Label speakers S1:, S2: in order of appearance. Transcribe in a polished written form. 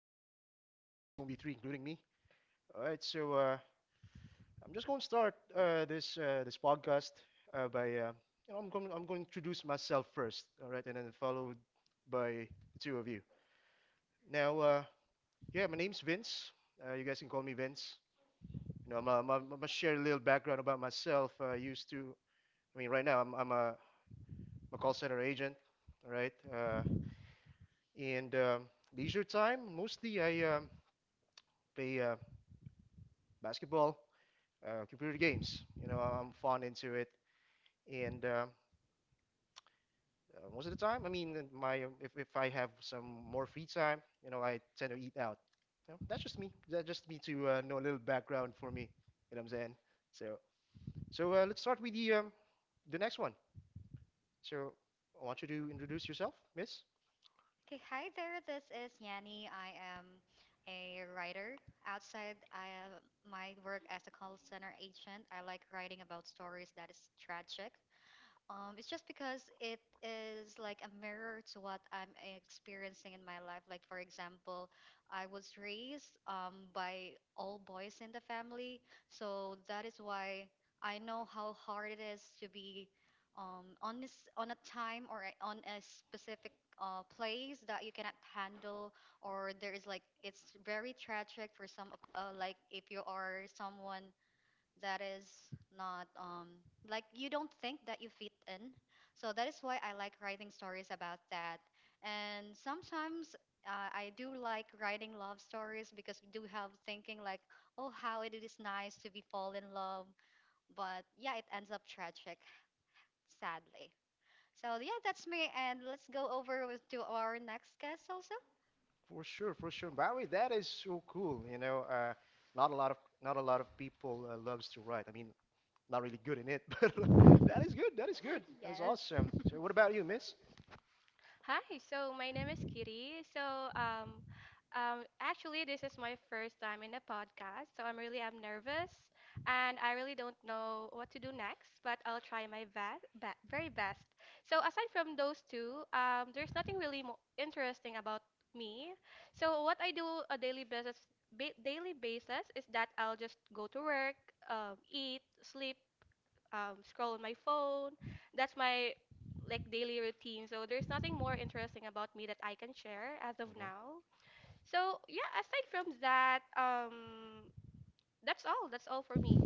S1: Uh, it's, that's going to be three, including me. All right, I'm just going to start this this podcast by you know I'm going to introduce myself first, all right, and then followed by the two of you. Now, uh, yeah, my name's Vince. You guys can call me Vince. I'm gonna share a little background about myself. I used to, I mean, right now I'm a call center agent, all right. And leisure time, mostly I play basketball, computer games. You know, I'm fond into it. And most of the time, I mean, my if I have some more free time, I tend to eat out. You know, that's just me. That's just me to know a little background for me. You know what I'm saying? So, so, let's start with the next one. So, I want you to introduce yourself, Miss.
S2: Okay, hi there. This is Yanni. I am a writer. Outside I, am- my work as a call center agent, I like writing about stories that is tragic, it's just because it is like a mirror to what I'm experiencing in my life. Like, for example, I was raised by all boys in the family, so that is why I know how hard it is to be on this, on a time or a- on a specific place that you cannot handle, or there is like it's very tragic for some of like if you are someone that is not like you don't think that you fit in, so that is why I like writing stories about that. And sometimes I do like writing love stories because we do have thinking like, oh, how it is nice to be fall in love, but yeah, it ends up tragic, sadly. So yeah, that's me, and let's go over with, to our next guest also.
S1: For sure, Barry. That is so cool. Not a lot of people loves to write. I mean, not really good in it, but that is good. That is good.
S2: Yes.
S1: That is awesome. So, what about you, Miss?
S3: Hi, so my name is Kiri. Actually, this is my first time in a podcast, so I'm nervous, and I really don't know what to do next, but I'll try my best, be very best. So, aside from those two, there's nothing really mo interesting about me. So, what I do a daily basis, ba daily basis is that I'll just go to work, eat, sleep, scroll on my phone. That's my like daily routine. So there's nothing more interesting about me that I can share as of
S1: Mm-hmm.
S3: now. So yeah, aside from that, that's all. That's all for me.